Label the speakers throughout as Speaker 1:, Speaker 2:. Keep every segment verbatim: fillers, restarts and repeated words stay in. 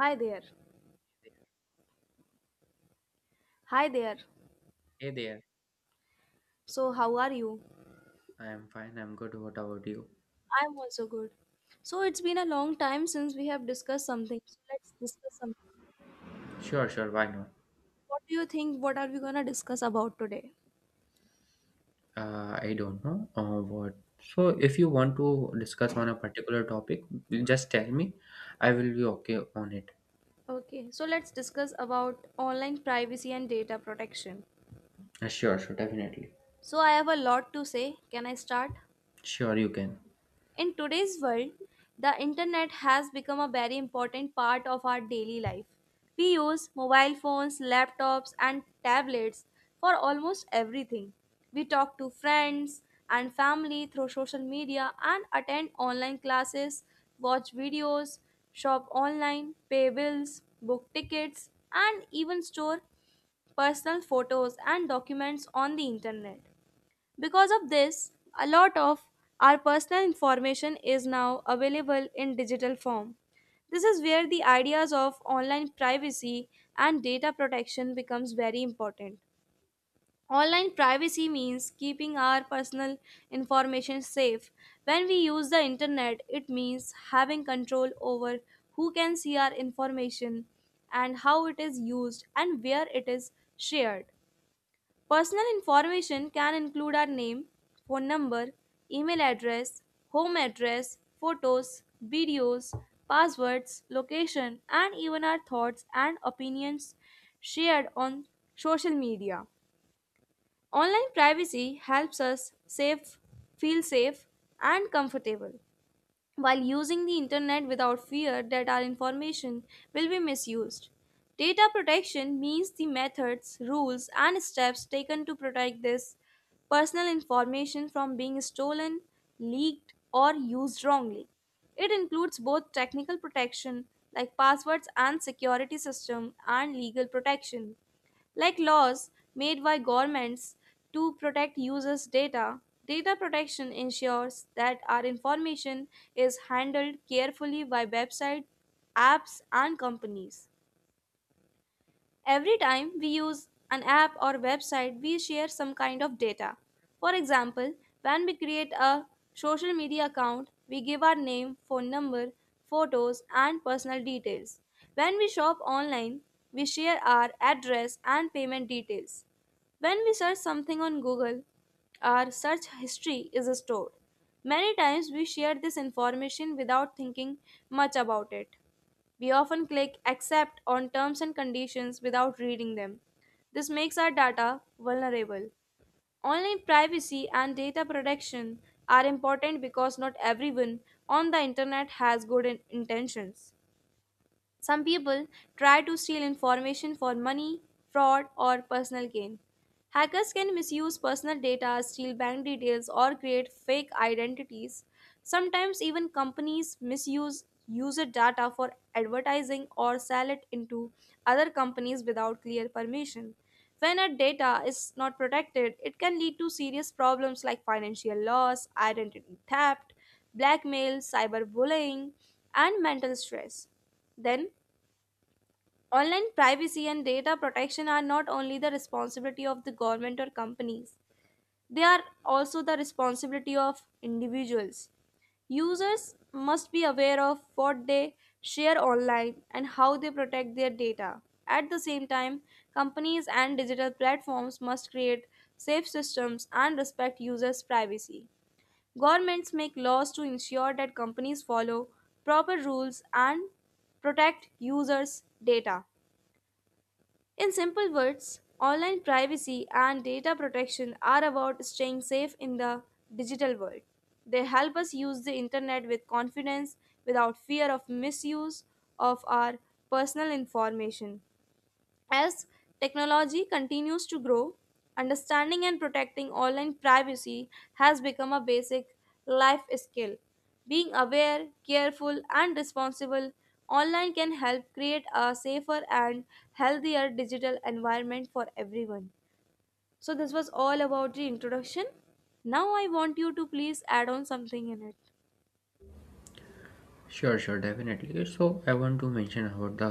Speaker 1: Hi there. Hi there.
Speaker 2: Hey there,
Speaker 1: So, how are you?
Speaker 2: I am fine, I'm good. What about you?
Speaker 1: I'm also good. So, it's been a long time since we have discussed something. So, let's discuss something.
Speaker 2: Sure, sure, why not?
Speaker 1: What do you think? What are we going to discuss about today?
Speaker 2: Uh, I don't know uh, what. So, if you want to discuss on a particular topic, just tell me. I will be okay on it.
Speaker 1: Okay, so let's discuss about online privacy and data protection.
Speaker 2: Uh, sure, sure, definitely.
Speaker 1: So, I have a lot to say. Can I start?
Speaker 2: Sure, you can.
Speaker 1: In today's world, the internet has become a very important part of our daily life. We use mobile phones, laptops, and tablets for almost everything. We talk to friends and family through social media and attend online classes, watch videos, shop online, pay bills, book tickets, and even store personal photos and documents on the internet. Because of this, a lot of our personal information is now available in digital form. This is where the ideas of online privacy and data protection becomes very important. Online privacy means keeping our personal information safe. When we use the internet, it means having control over who can see our information and how it is used and where it is shared. Personal information can include our name, phone number, email address, home address, photos, videos, passwords, location, and even our thoughts and opinions shared on social media. Online privacy helps us safe, feel safe, and comfortable while using the internet without fear that our information will be misused. Data protection means the methods, rules, and steps taken to protect this personal information from being stolen, leaked, or used wrongly. It includes both technical protection like passwords and security system, and legal protection like laws made by governments to protect users' data. Data protection ensures that our information is handled carefully by websites, apps, and companies. Every time we use an app or website, we share some kind of data. For example, when we create a social media account, we give our name, phone number, photos, and personal details. When we shop online, we share our address and payment details. When we search something on Google, our search history is stored. Many times we share this information without thinking much about it. We often click accept on terms and conditions without reading them. This makes our data vulnerable. Online privacy and data protection are important because not everyone on the internet has good in- intentions. Some people try to steal information for money, fraud, or personal gain. Hackers can misuse personal data, steal bank details, or create fake identities. Sometimes, even companies misuse user data for advertising or sell it into other companies without clear permission. When a data is not protected, it can lead to serious problems like financial loss, identity theft, blackmail, cyberbullying, and mental stress. Then, online privacy and data protection are not only the responsibility of the government or companies, they are also the responsibility of individuals. Users must be aware of what they share online and how they protect their data. At the same time, companies and digital platforms must create safe systems and respect users' privacy. Governments make laws to ensure that companies follow proper rules and protect users' data. In simple words, online privacy and data protection are about staying safe in the digital world. They help us use the internet with confidence without fear of misuse of our personal information. As technology continues to grow, understanding and protecting online privacy has become a basic life skill. Being aware, careful, and responsible online can help create a safer and healthier digital environment for everyone. So, this was all about the introduction. Now, I want you to please add on something in it.
Speaker 2: Sure, sure, definitely. So, I want to mention about the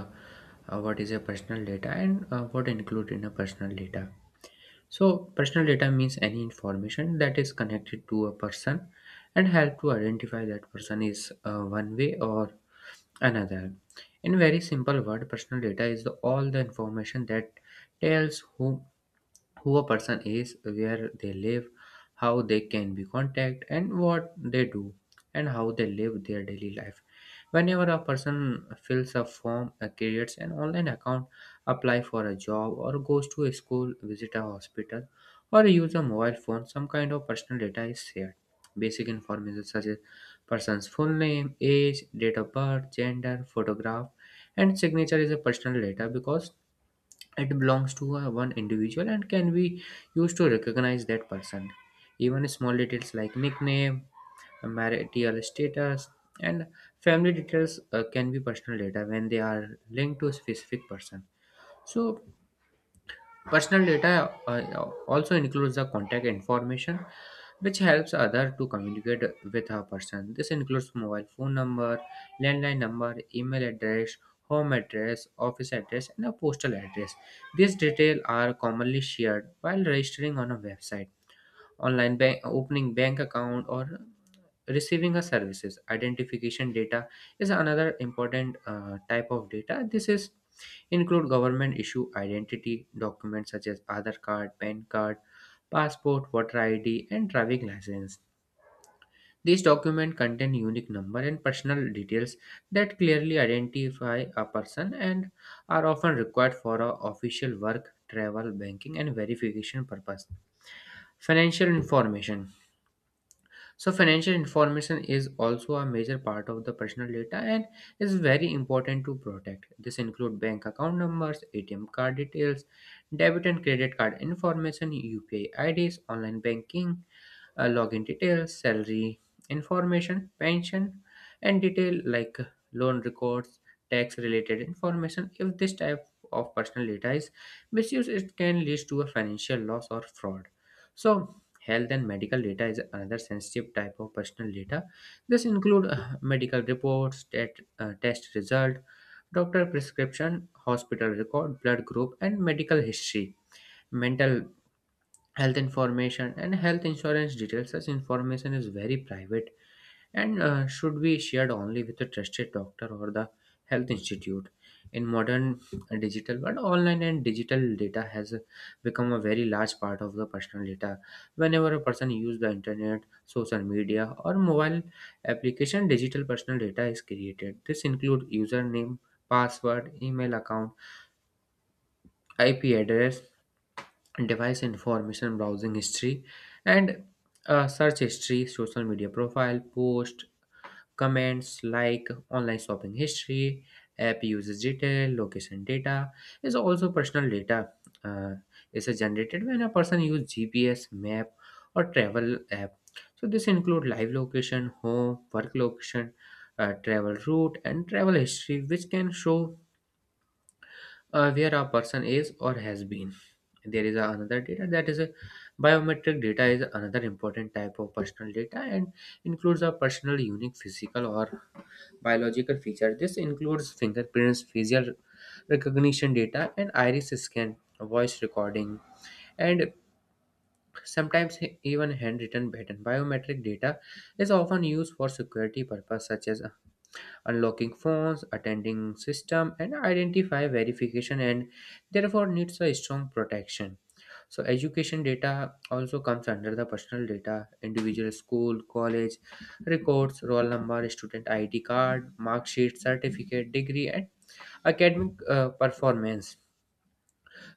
Speaker 2: uh, what is a personal data and uh, what include in a personal data. So, personal data means any information that is connected to a person and help to identify that person is uh, one way or another, in very simple word, personal data is the, all the information that tells who who a person is, where they live, how they can be contacted, and what they do, and how they live their daily life. Whenever a person fills a form, uh, creates an online account, apply for a job, or goes to a school, visit a hospital, or use a mobile phone, some kind of personal data is shared. Basic information such as person's full name, age, date of birth, gender, photograph, and signature is a personal data because it belongs to a one individual and can be used to recognize that person, even small details like nickname, marital status, and family details uh, can be personal data when they are linked to a specific person. So personal data uh, also includes the contact information, which helps other to communicate with a person. This includes mobile phone number, landline number, email address, home address, office address, and a postal address. These details are commonly shared while registering on a website, online bank, opening bank account, or receiving a services. Identification data is another important uh, type of data. This is include government issue identity documents such as Aadhaar card, P A N card, passport, voter id, and driving license. These documents contain unique number and personal details that clearly identify a person and are often required for a official work, travel, banking, and verification purpose. Financial information, so financial information is also a major part of the personal data and is very important to protect. This include bank account numbers, A T M card details, debit and credit card information, U P I I Ds, online banking, uh, login details, salary information, pension, and detail like loan records, tax related information. If this type of personal data is misused, it can lead to a financial loss or fraud. So, health and medical data is another sensitive type of personal data. This include uh, medical reports, tet- uh, test result, doctor prescription, hospital record, blood group, and medical history, mental health information, and health insurance details. Such information is very private and uh, should be shared only with a trusted doctor or the health institute. In modern digital world, online and digital data has become a very large part of the personal data. Whenever a person uses the internet, social media, or mobile application, digital personal data is created. This include username, password, email account, IP address, device information, browsing history, and uh, search history, social media profile post, comments like online shopping history, app usage detail. Location data is also personal data, uh, is generated when a person uses GPS map or travel app. So this include live location, home work location, uh, travel route, and travel history, which can show uh, where a person is or has been. There is a- another data that is a biometric data is another important type of personal data and includes a personal unique physical or biological feature. This includes fingerprints, facial recognition data, and iris scan, voice recording, and sometimes even handwritten pattern. Biometric data is often used for security purpose such as unlocking phones, attending system, and identify verification, and therefore needs a strong protection. So education data also comes under the personal data, individual school, college records, roll number, student I D card, mark sheet, certificate, degree, and academic uh, performance.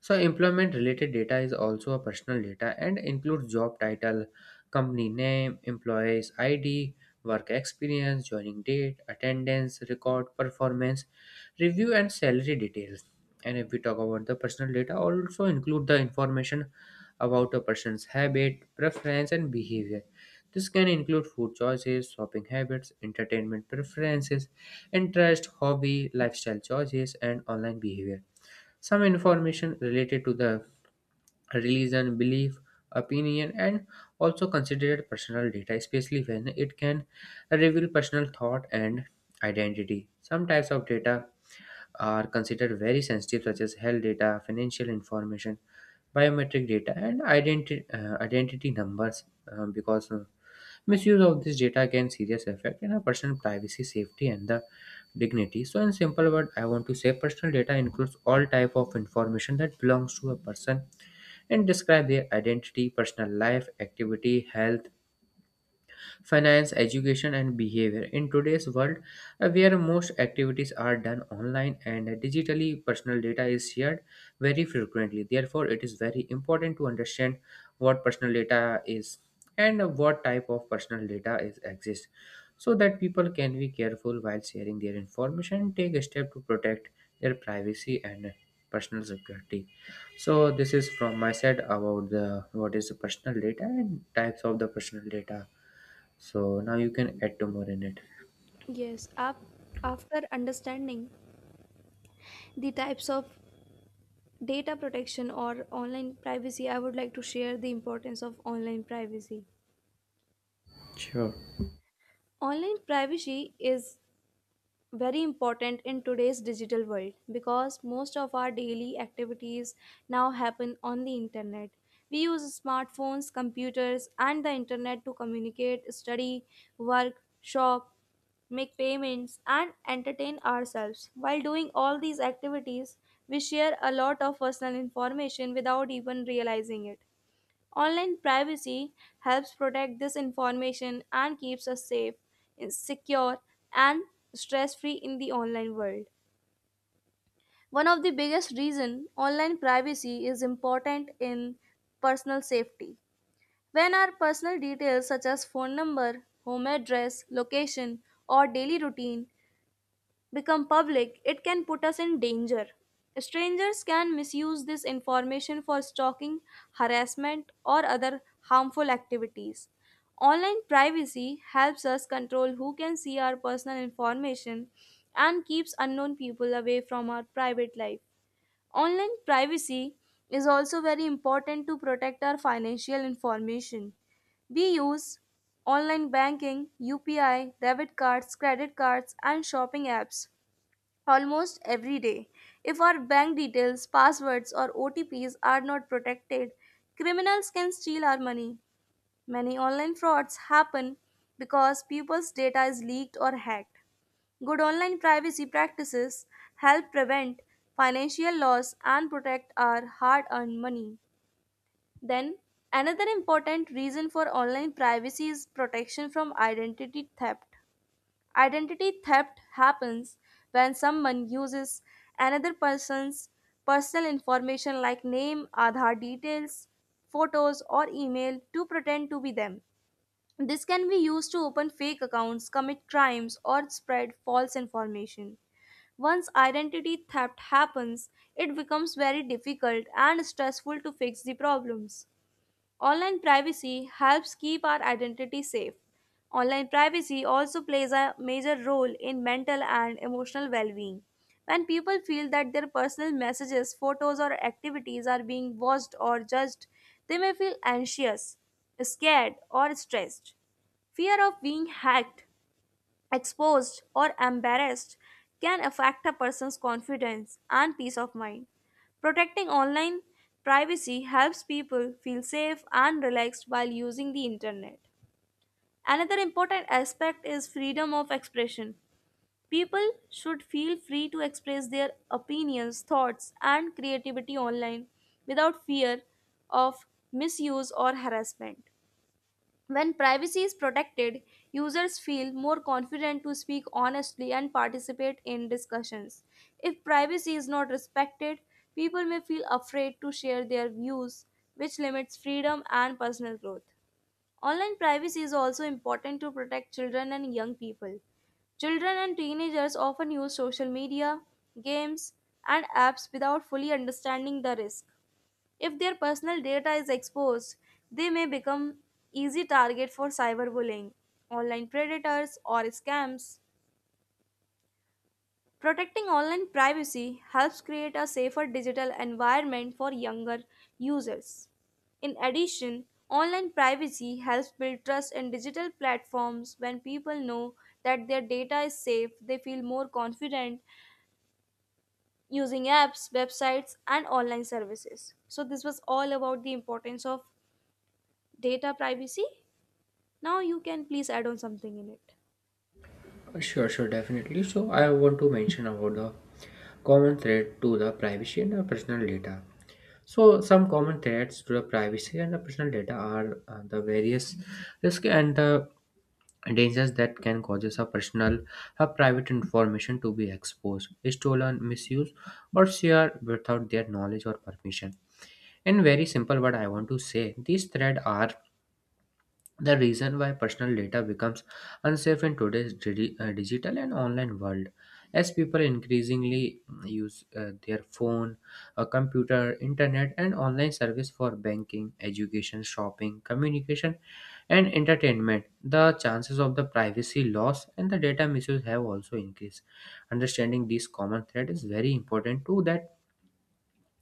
Speaker 2: So employment related data is also a personal data and includes job title, company name, employees I D, work experience, joining date, attendance, record performance, review, and salary details. And if we talk about the personal data, also include the information about a person's habit, preference, and behavior. This can include food choices, shopping habits, entertainment preferences, interest, hobby, lifestyle choices, and online behavior. Some information related to the religion, belief, opinion, and also considered personal data, especially when it can reveal personal thought and identity. Some types of data are considered very sensitive, such as health data, financial information, biometric data, and identi- uh, identity numbers, uh, because uh, misuse of this data can serious affect in a person's privacy, safety, and the dignity. So, in simple word, I want to say personal data includes all type of information that belongs to a person and describe their identity, personal life, activity, health, finance, education, and behavior. In today's world, uh, where most activities are done online and digitally, personal data is shared very frequently. Therefore, it is very important to understand what personal data is and what type of personal data is exists, so that people can be careful while sharing their information, take a step to protect their privacy and personal security. So this is from my side about the what is the personal data and types of the personal data. So now you can add to more in it.
Speaker 1: Yes, up after understanding the types of data protection or online privacy, I would like to share the importance of online privacy.
Speaker 2: Sure.
Speaker 1: Online privacy is very important in today's digital world because most of our daily activities now happen on the internet. We use smartphones, computers, and the internet to communicate, study, work, shop, make payments, and entertain ourselves. While doing all these activities, we share a lot of personal information without even realizing it. Online privacy helps protect this information and keeps us safe, secure, and stress free in the online world. One of the biggest reason online privacy is important in personal safety. When our personal details such as phone number, home address, location, or daily routine become public, it can put us in danger. Strangers can misuse this information for stalking, harassment, or other harmful activities. Online privacy helps us control who can see our personal information and keeps unknown people away from our private life. Online privacy is also very important to protect our financial information. We use online banking, U P I, debit cards, credit cards, and shopping apps almost every day. If our bank details, passwords, or O T Ps are not protected, criminals can steal our money. Many online frauds happen because people's data is leaked or hacked. Good online privacy practices help prevent financial loss and protect our hard earned money. Then, another important reason for online privacy is protection from identity theft. Identity theft happens when someone uses another person's personal information like name, Aadhaar details, photos, or email to pretend to be them. This can be used to open fake accounts, commit crimes, or spread false information. Once identity theft happens, it becomes very difficult and stressful to fix the problems. Online privacy helps keep our identity safe. Online privacy also plays a major role in mental and emotional well being. When people feel that their personal messages, photos, or activities are being watched or judged, they may feel anxious, scared, or stressed. Fear of being hacked, exposed, or embarrassed can affect a person's confidence and peace of mind. Protecting online privacy helps people feel safe and relaxed while using the internet. Another important aspect is freedom of expression. People should feel free to express their opinions, thoughts, and creativity online without fear of misuse or harassment. When privacy is protected, users feel more confident to speak honestly and participate in discussions. If privacy is not respected, people may feel afraid to share their views, which limits freedom and personal growth. Online privacy is also important to protect children and young people. Children and teenagers often use social media, games, and apps without fully understanding the risk. If their personal data is exposed, they may become easy target for cyberbullying, online predators, or scams. Protecting online privacy helps create a safer digital environment for younger users. In addition, online privacy helps build trust in digital platforms. When people know that their data is safe, they feel more confident using apps, websites, and online services. So, this was all about the importance of data privacy. Now you can please add on something in it.
Speaker 2: Sure, sure, definitely. So I want to mention about the common thread to the privacy and the personal data. So some common threats to the privacy and the personal data are uh, the various risk and the dangers that can causes a personal a private information to be exposed, stolen, misused, or shared without their knowledge or permission. In very simple word, I want to say, these threats are the reason why personal data becomes unsafe in today's digi- uh, digital and online world. As people increasingly use uh, their phone, a computer, internet, and online service for banking, education, shopping, communication, and entertainment, the chances of the privacy loss and the data misuse have also increased. Understanding these common threats is very important to that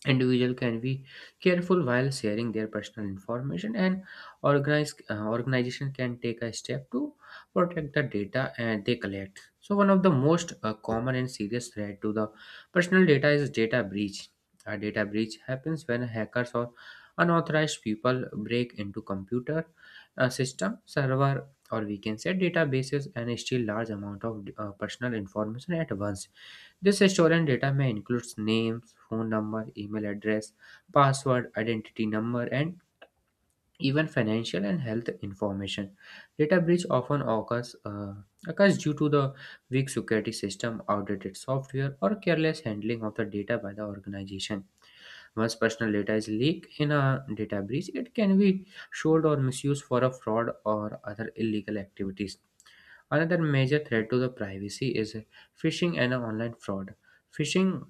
Speaker 2: individual can be careful while sharing their personal information, and organize, uh, organization can take a step to protect the data and they collect. So one of the most uh, common and serious threat to the personal data is data breach. A data breach happens when hackers or unauthorized people break into computer uh, system, server, or we can say databases, and steal large amount of uh, personal information at once. This stolen data may include name, phone number, email address, password, identity number, and even financial and health information. Data breach often occurs, uh, occurs due to the weak security system, outdated software, or careless handling of the data by the organization. Once personal data is leaked in a data breach, it can be sold or misused for a fraud or other illegal activities. Another major threat to the privacy is phishing and online fraud. Phishing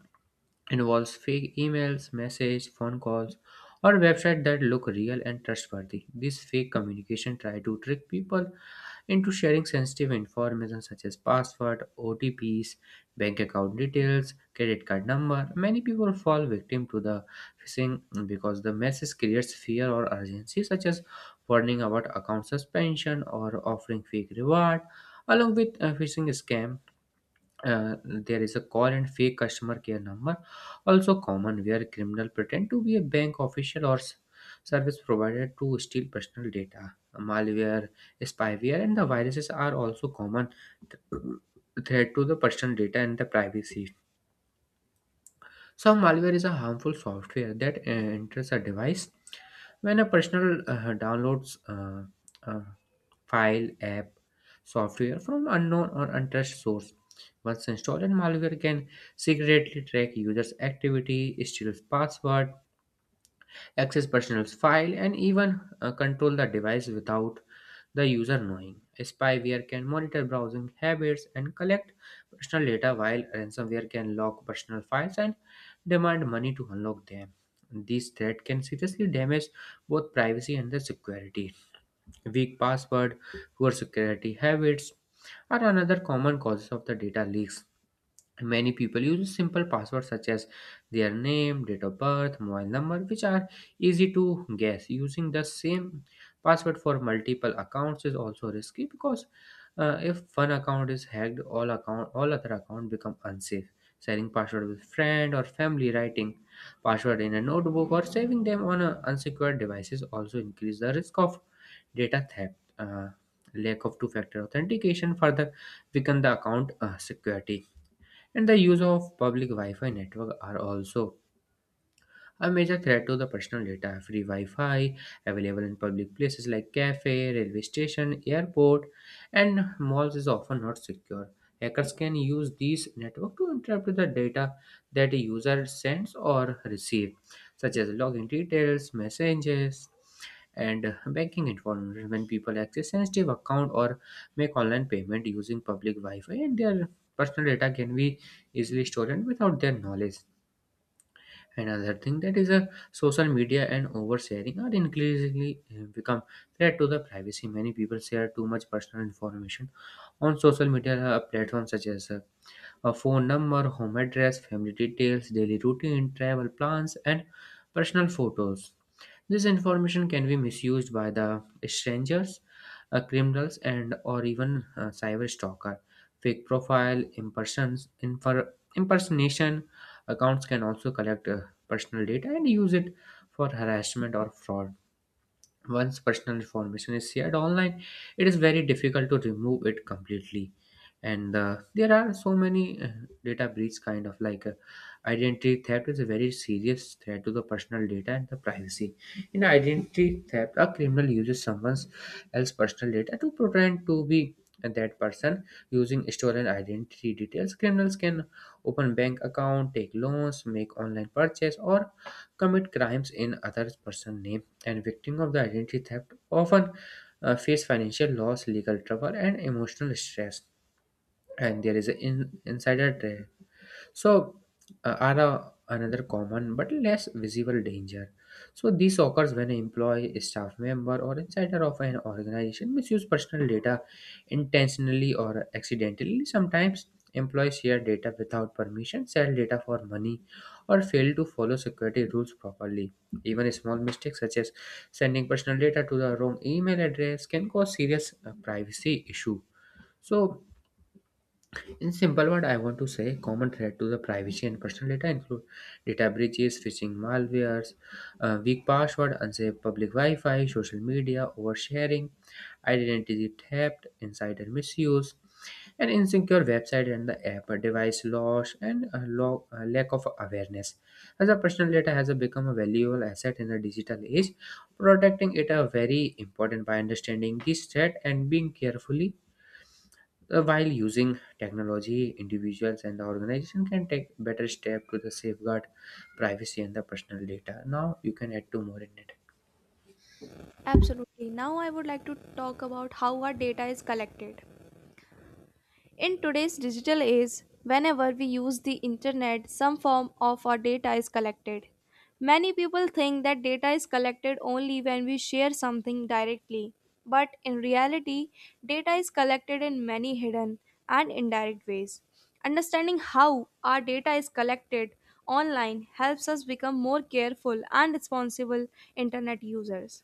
Speaker 2: involves fake emails, messages, phone calls, or websites that look real and trustworthy. This fake communication try to trick people into sharing sensitive information such as password, O T Ps, bank account details, credit card number. Many people fall victim to the phishing because the message creates fear or urgency, such as warning about account suspension or offering fake reward. Along with a phishing scam, uh, there is a call and fake customer care number also common, where criminal pretend to be a bank official or s- service provider to steal personal data. Malware, spyware, and the viruses are also common th- threat to the personal data and the privacy. So malware is a harmful software that uh, enters a device when a personal uh, downloads uh, uh, file, app, software from unknown or untrusted source. Once installed, malware can secretly track users' activity, steal password, access personal file, and even uh, control the device without the user knowing. Spyware can monitor browsing habits and collect personal data, while ransomware can lock personal files and demand money to unlock them. These threats can seriously damage both privacy and the security. Weak password, poor security habits are another common causes of the data leaks. Many people use simple passwords such as their name, date of birth, mobile number, which are easy to guess. Using the same password for multiple accounts is also risky because uh, if one account is hacked, all account all other account become unsafe. Sharing password with friend or family, writing password in a notebook, or saving them on a unsecured devices also increase the risk of data theft. Uh, lack of two-factor authentication further weaken the account uh, security. And the use of public Wi Fi network are also a major threat to the personal data. Free Wi Fi available in public places like cafe, railway station, airport, and malls is often not secure. Hackers can use these network to interrupt the data that a user sends or receives, such as login details, messages, and uh, banking information when people access sensitive account or make online payment using public Wi-Fi and their personal data can be easily stolen without their knowledge. Another thing that is a social media and oversharing are increasingly uh, become threat to the privacy. Many people share too much personal information on social media uh, platforms such as uh, a phone number, home address, family details, daily routine, travel plans, and personal photos. This information can be misused by the strangers, uh, criminals, and or even uh, cyber stalker. Fake profile, impersons, infer, impersonation accounts can also collect uh, personal data and use it for harassment or fraud. Once personal information is shared online, it is very difficult to remove it completely. And uh, there are so many uh, data breach kind of like uh, identity theft is a very serious threat to the personal data and the privacy. In identity theft, a criminal uses someone's else personal data to pretend to be that person using stolen identity details. Criminals can open bank account, take loans, make online purchase, or commit crimes in other person's name and victims of the identity theft often uh, face financial loss, legal trouble, and emotional stress. And there is an in- insider so, uh, are a, another common but less visible danger. So, this occurs when an employee, a staff member, or insider of an organization misuse personal data intentionally or accidentally. Sometimes, employees share data without permission, sell data for money, or fail to follow security rules properly. Even small mistakes such as sending personal data to the wrong email address can cause serious uh, privacy issue. So, in simple word, I want to say common threat to the privacy and personal data include data breaches, phishing, malwares, uh, weak password, unsafe public Wi-Fi, social media, oversharing, identity theft, insider misuse, and insecure website and the app, device loss, and a lo- a lack of awareness. As a personal data has become a valuable asset in the digital age, protecting it are very important by understanding this threat and being carefully uh, while using technology, individuals and the organization can take better step to the safeguard privacy and the personal data. Now you can add to more in it.
Speaker 1: Absolutely. Now I would like to talk about how our data is collected. In today's digital age, whenever we use the internet, some form of our data is collected. Many people think that data is collected only when we share something directly, but in reality, data is collected in many hidden and indirect ways. Understanding how our data is collected online helps us become more careful and responsible internet users.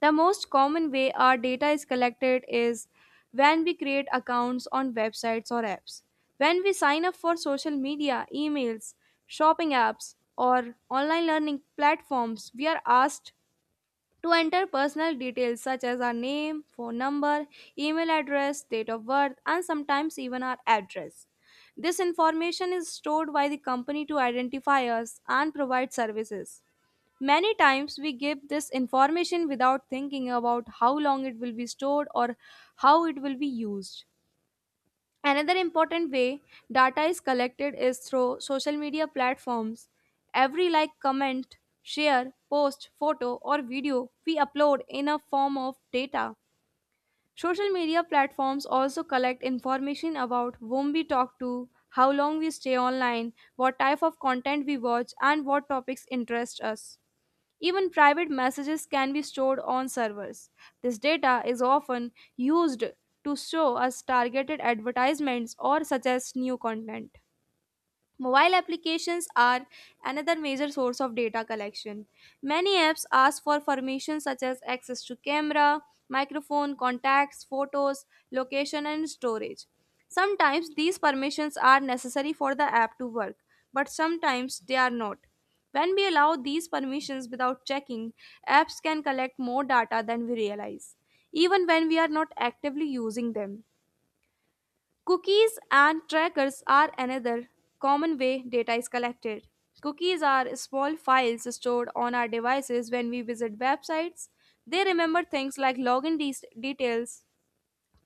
Speaker 1: The most common way our data is collected is when we create accounts on websites or apps. When we sign up for social media, emails, shopping apps, or online learning platforms, we are asked to enter personal details such as our name, phone number, email address, date of birth, and sometimes even our address. This information is stored by the company to identify us and provide services. Many times we give this information without thinking about how long it will be stored or how it will be used. Another important way data is collected is through social media platforms. Every like, comment, share, post, photo, or video we upload in a form of data. Social media platforms also collect information about whom we talk to, how long we stay online, what type of content we watch, and what topics interest us. Even private messages can be stored on servers. This data is often used to show us targeted advertisements or suggest new content. Mobile applications are another major source of data collection. Many apps ask for permissions such as access to camera, microphone, contacts, photos, location, and storage. Sometimes these permissions are necessary for the app to work, but sometimes they are not. When we allow these permissions without checking, apps can collect more data than we realize, even when we are not actively using them. Cookies and trackers are another common way data is collected. Cookies are small files stored on our devices when we visit websites. They remember things like login de- details,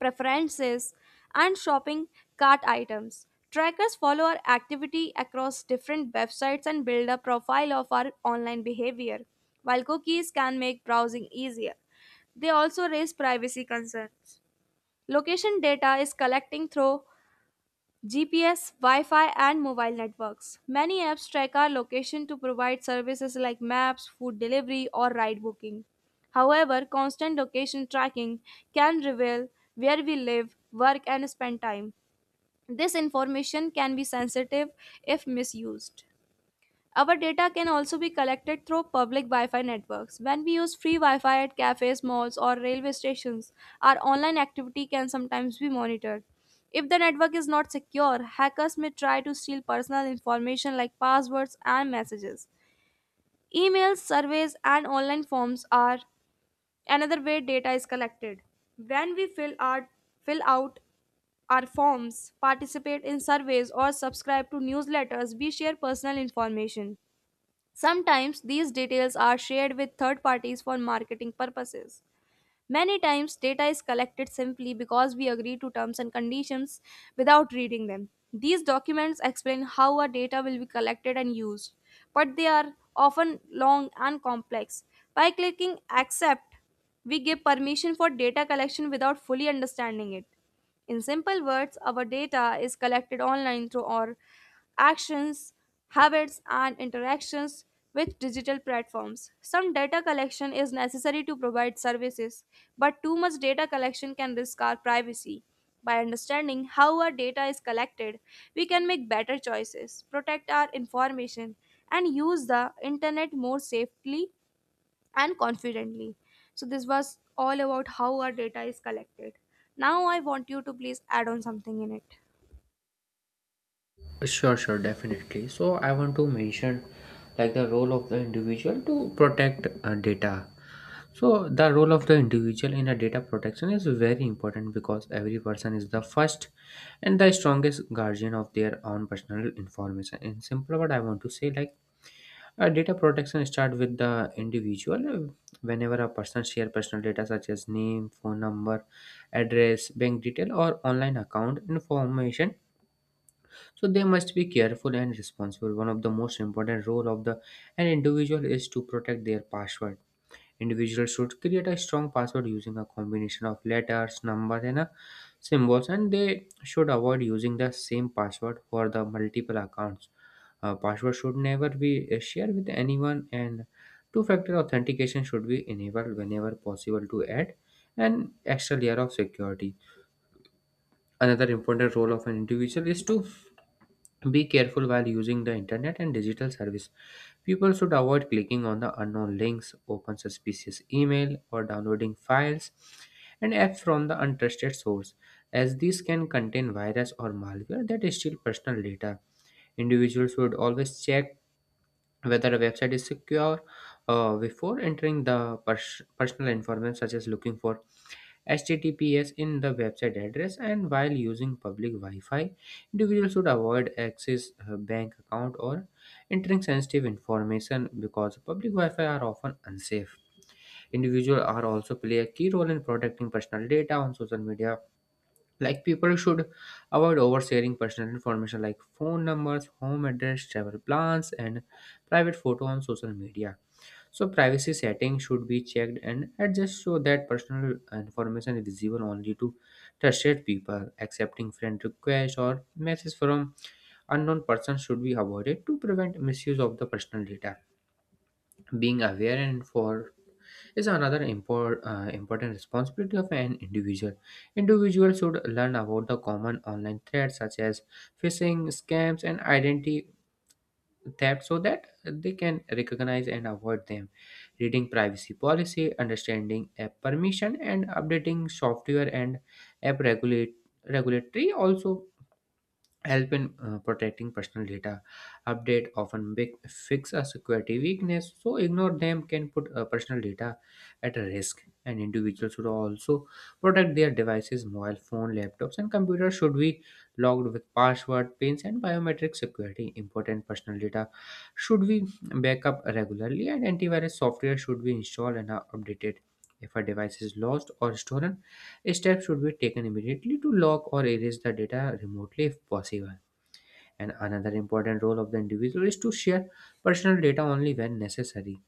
Speaker 1: preferences, and shopping cart items. Trackers follow our activity across different websites and build a profile of our online behavior. While cookies can make browsing easier, they also raise privacy concerns. Location data is collecting through G P S, Wi Fi, and mobile networks. Many apps track our location to provide services like maps, food delivery, or ride booking. However, constant location tracking can reveal where we live, work, and spend time. This information can be sensitive if misused. Our data can also be collected through public Wi Fi networks. When we use free Wi Fi at cafes, malls, or railway stations, our online activity can sometimes be monitored. If the network is not secure, hackers may try to steal personal information like passwords and messages. Emails, surveys, and online forms are another way data is collected. When we fill, our, fill out our forms, participate in surveys, or subscribe to newsletters, we share personal information. Sometimes these details are shared with third parties for marketing purposes. Many times, data is collected simply because we agree to terms and conditions without reading them. These documents explain how our data will be collected and used, but they are often long and complex. By clicking accept, we give permission for data collection without fully understanding it. In simple words, our data is collected online through our actions, habits, and interactions with digital platforms. Some data collection is necessary to provide services, but too much data collection can risk our privacy. By understanding how our data is collected, we can make better choices, protect our information, and use the internet more safely and confidently. So, this was all about how our data is collected. Now, I want you to please add on something in it.
Speaker 2: Sure, sure, definitely. So I want to mention like the role of the individual to protect uh, data. So the role of the individual in a data protection is very important because every person is the first and the strongest guardian of their own personal information. In simple word, I want to say like Uh, data protection start with the individual. Uh, Whenever a person share personal data such as name, phone number, address, bank detail, or online account information, so they must be careful and responsible. One of the most important role of the an individual is to protect their password. Individuals should create a strong password using a combination of letters, numbers, and uh, symbols, and they should avoid using the same password for the multiple accounts. Uh, password should never be uh, shared with anyone, and two-factor authentication should be enabled whenever possible to add an extra layer of security. Another important role of an individual is to be careful while using the internet and digital service. People should avoid clicking on the unknown links, open suspicious email, or downloading files and apps from the untrusted source, as these can contain virus or malware that steal personal data. Individuals should always check whether a website is secure uh, before entering the pers- personal information, such as looking for H T T P S in the website address and while using public Wi-Fi, individuals should avoid access uh, bank account or entering sensitive information because public Wi-Fi are often unsafe. Individuals are also play a key role in protecting personal data on social media. Like people should avoid oversharing personal information like phone numbers, home address, travel plans, and private photo on social media so privacy settings should be checked and adjusted so that personal information is visible only to trusted people. Accepting friend requests or messages from unknown persons should be avoided to prevent misuse of the personal data. Being aware and informed is another impor uh, important responsibility of an individual. Individuals should learn about the common online threats such as phishing, scams, and identity that so that they can recognize and avoid them, reading privacy policy, understanding app permission, and updating software and app regulate regulatory also help in uh, protecting personal data. Update often big fix a security weakness so ignore them can put uh, personal data at a risk, and individuals should also protect their devices. Mobile phone, laptops, and computers should be logged with password, pins, and biometric security. Important personal data should be backup regularly and antivirus software should be installed and uh, updated. If a device is lost or stolen, steps should be taken immediately to lock or erase the data remotely if possible. And another important role of the individual is to share personal data only when necessary.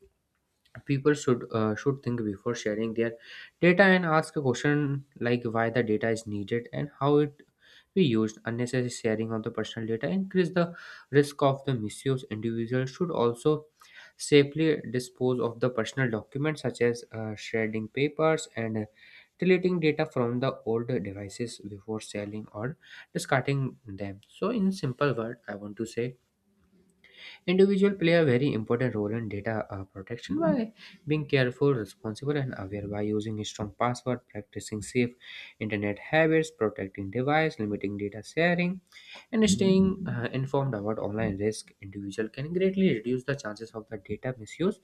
Speaker 2: People should uh, should think before sharing their data and ask a question like why the data is needed and how it be used. Unnecessary sharing of the personal data increase the risk of the misuse. Individuals should also safely dispose of the personal documents, such as uh, shredding papers and uh, deleting data from the old devices before selling or discarding them. So in simple word I want to say individuals play a very important role in data uh, protection by being careful, responsible, and aware. By using a strong password, practicing safe internet habits, protecting device, limiting data sharing, and staying uh, informed about online risk, individual can greatly reduce the chances of the data misuse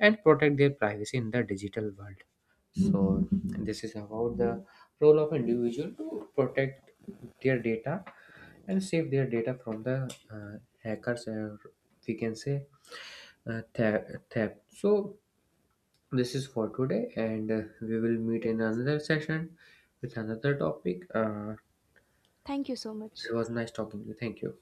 Speaker 2: and protect their privacy in the digital world. So this is about the role of individual to protect their data and save their data from the uh, hackers, or we can say uh, theft. theft. So this is for today, and uh, we will meet in
Speaker 1: Yes.
Speaker 2: another session with another topic. Uh,
Speaker 1: Thank you so much.
Speaker 2: it was nice talking to you. Thank you.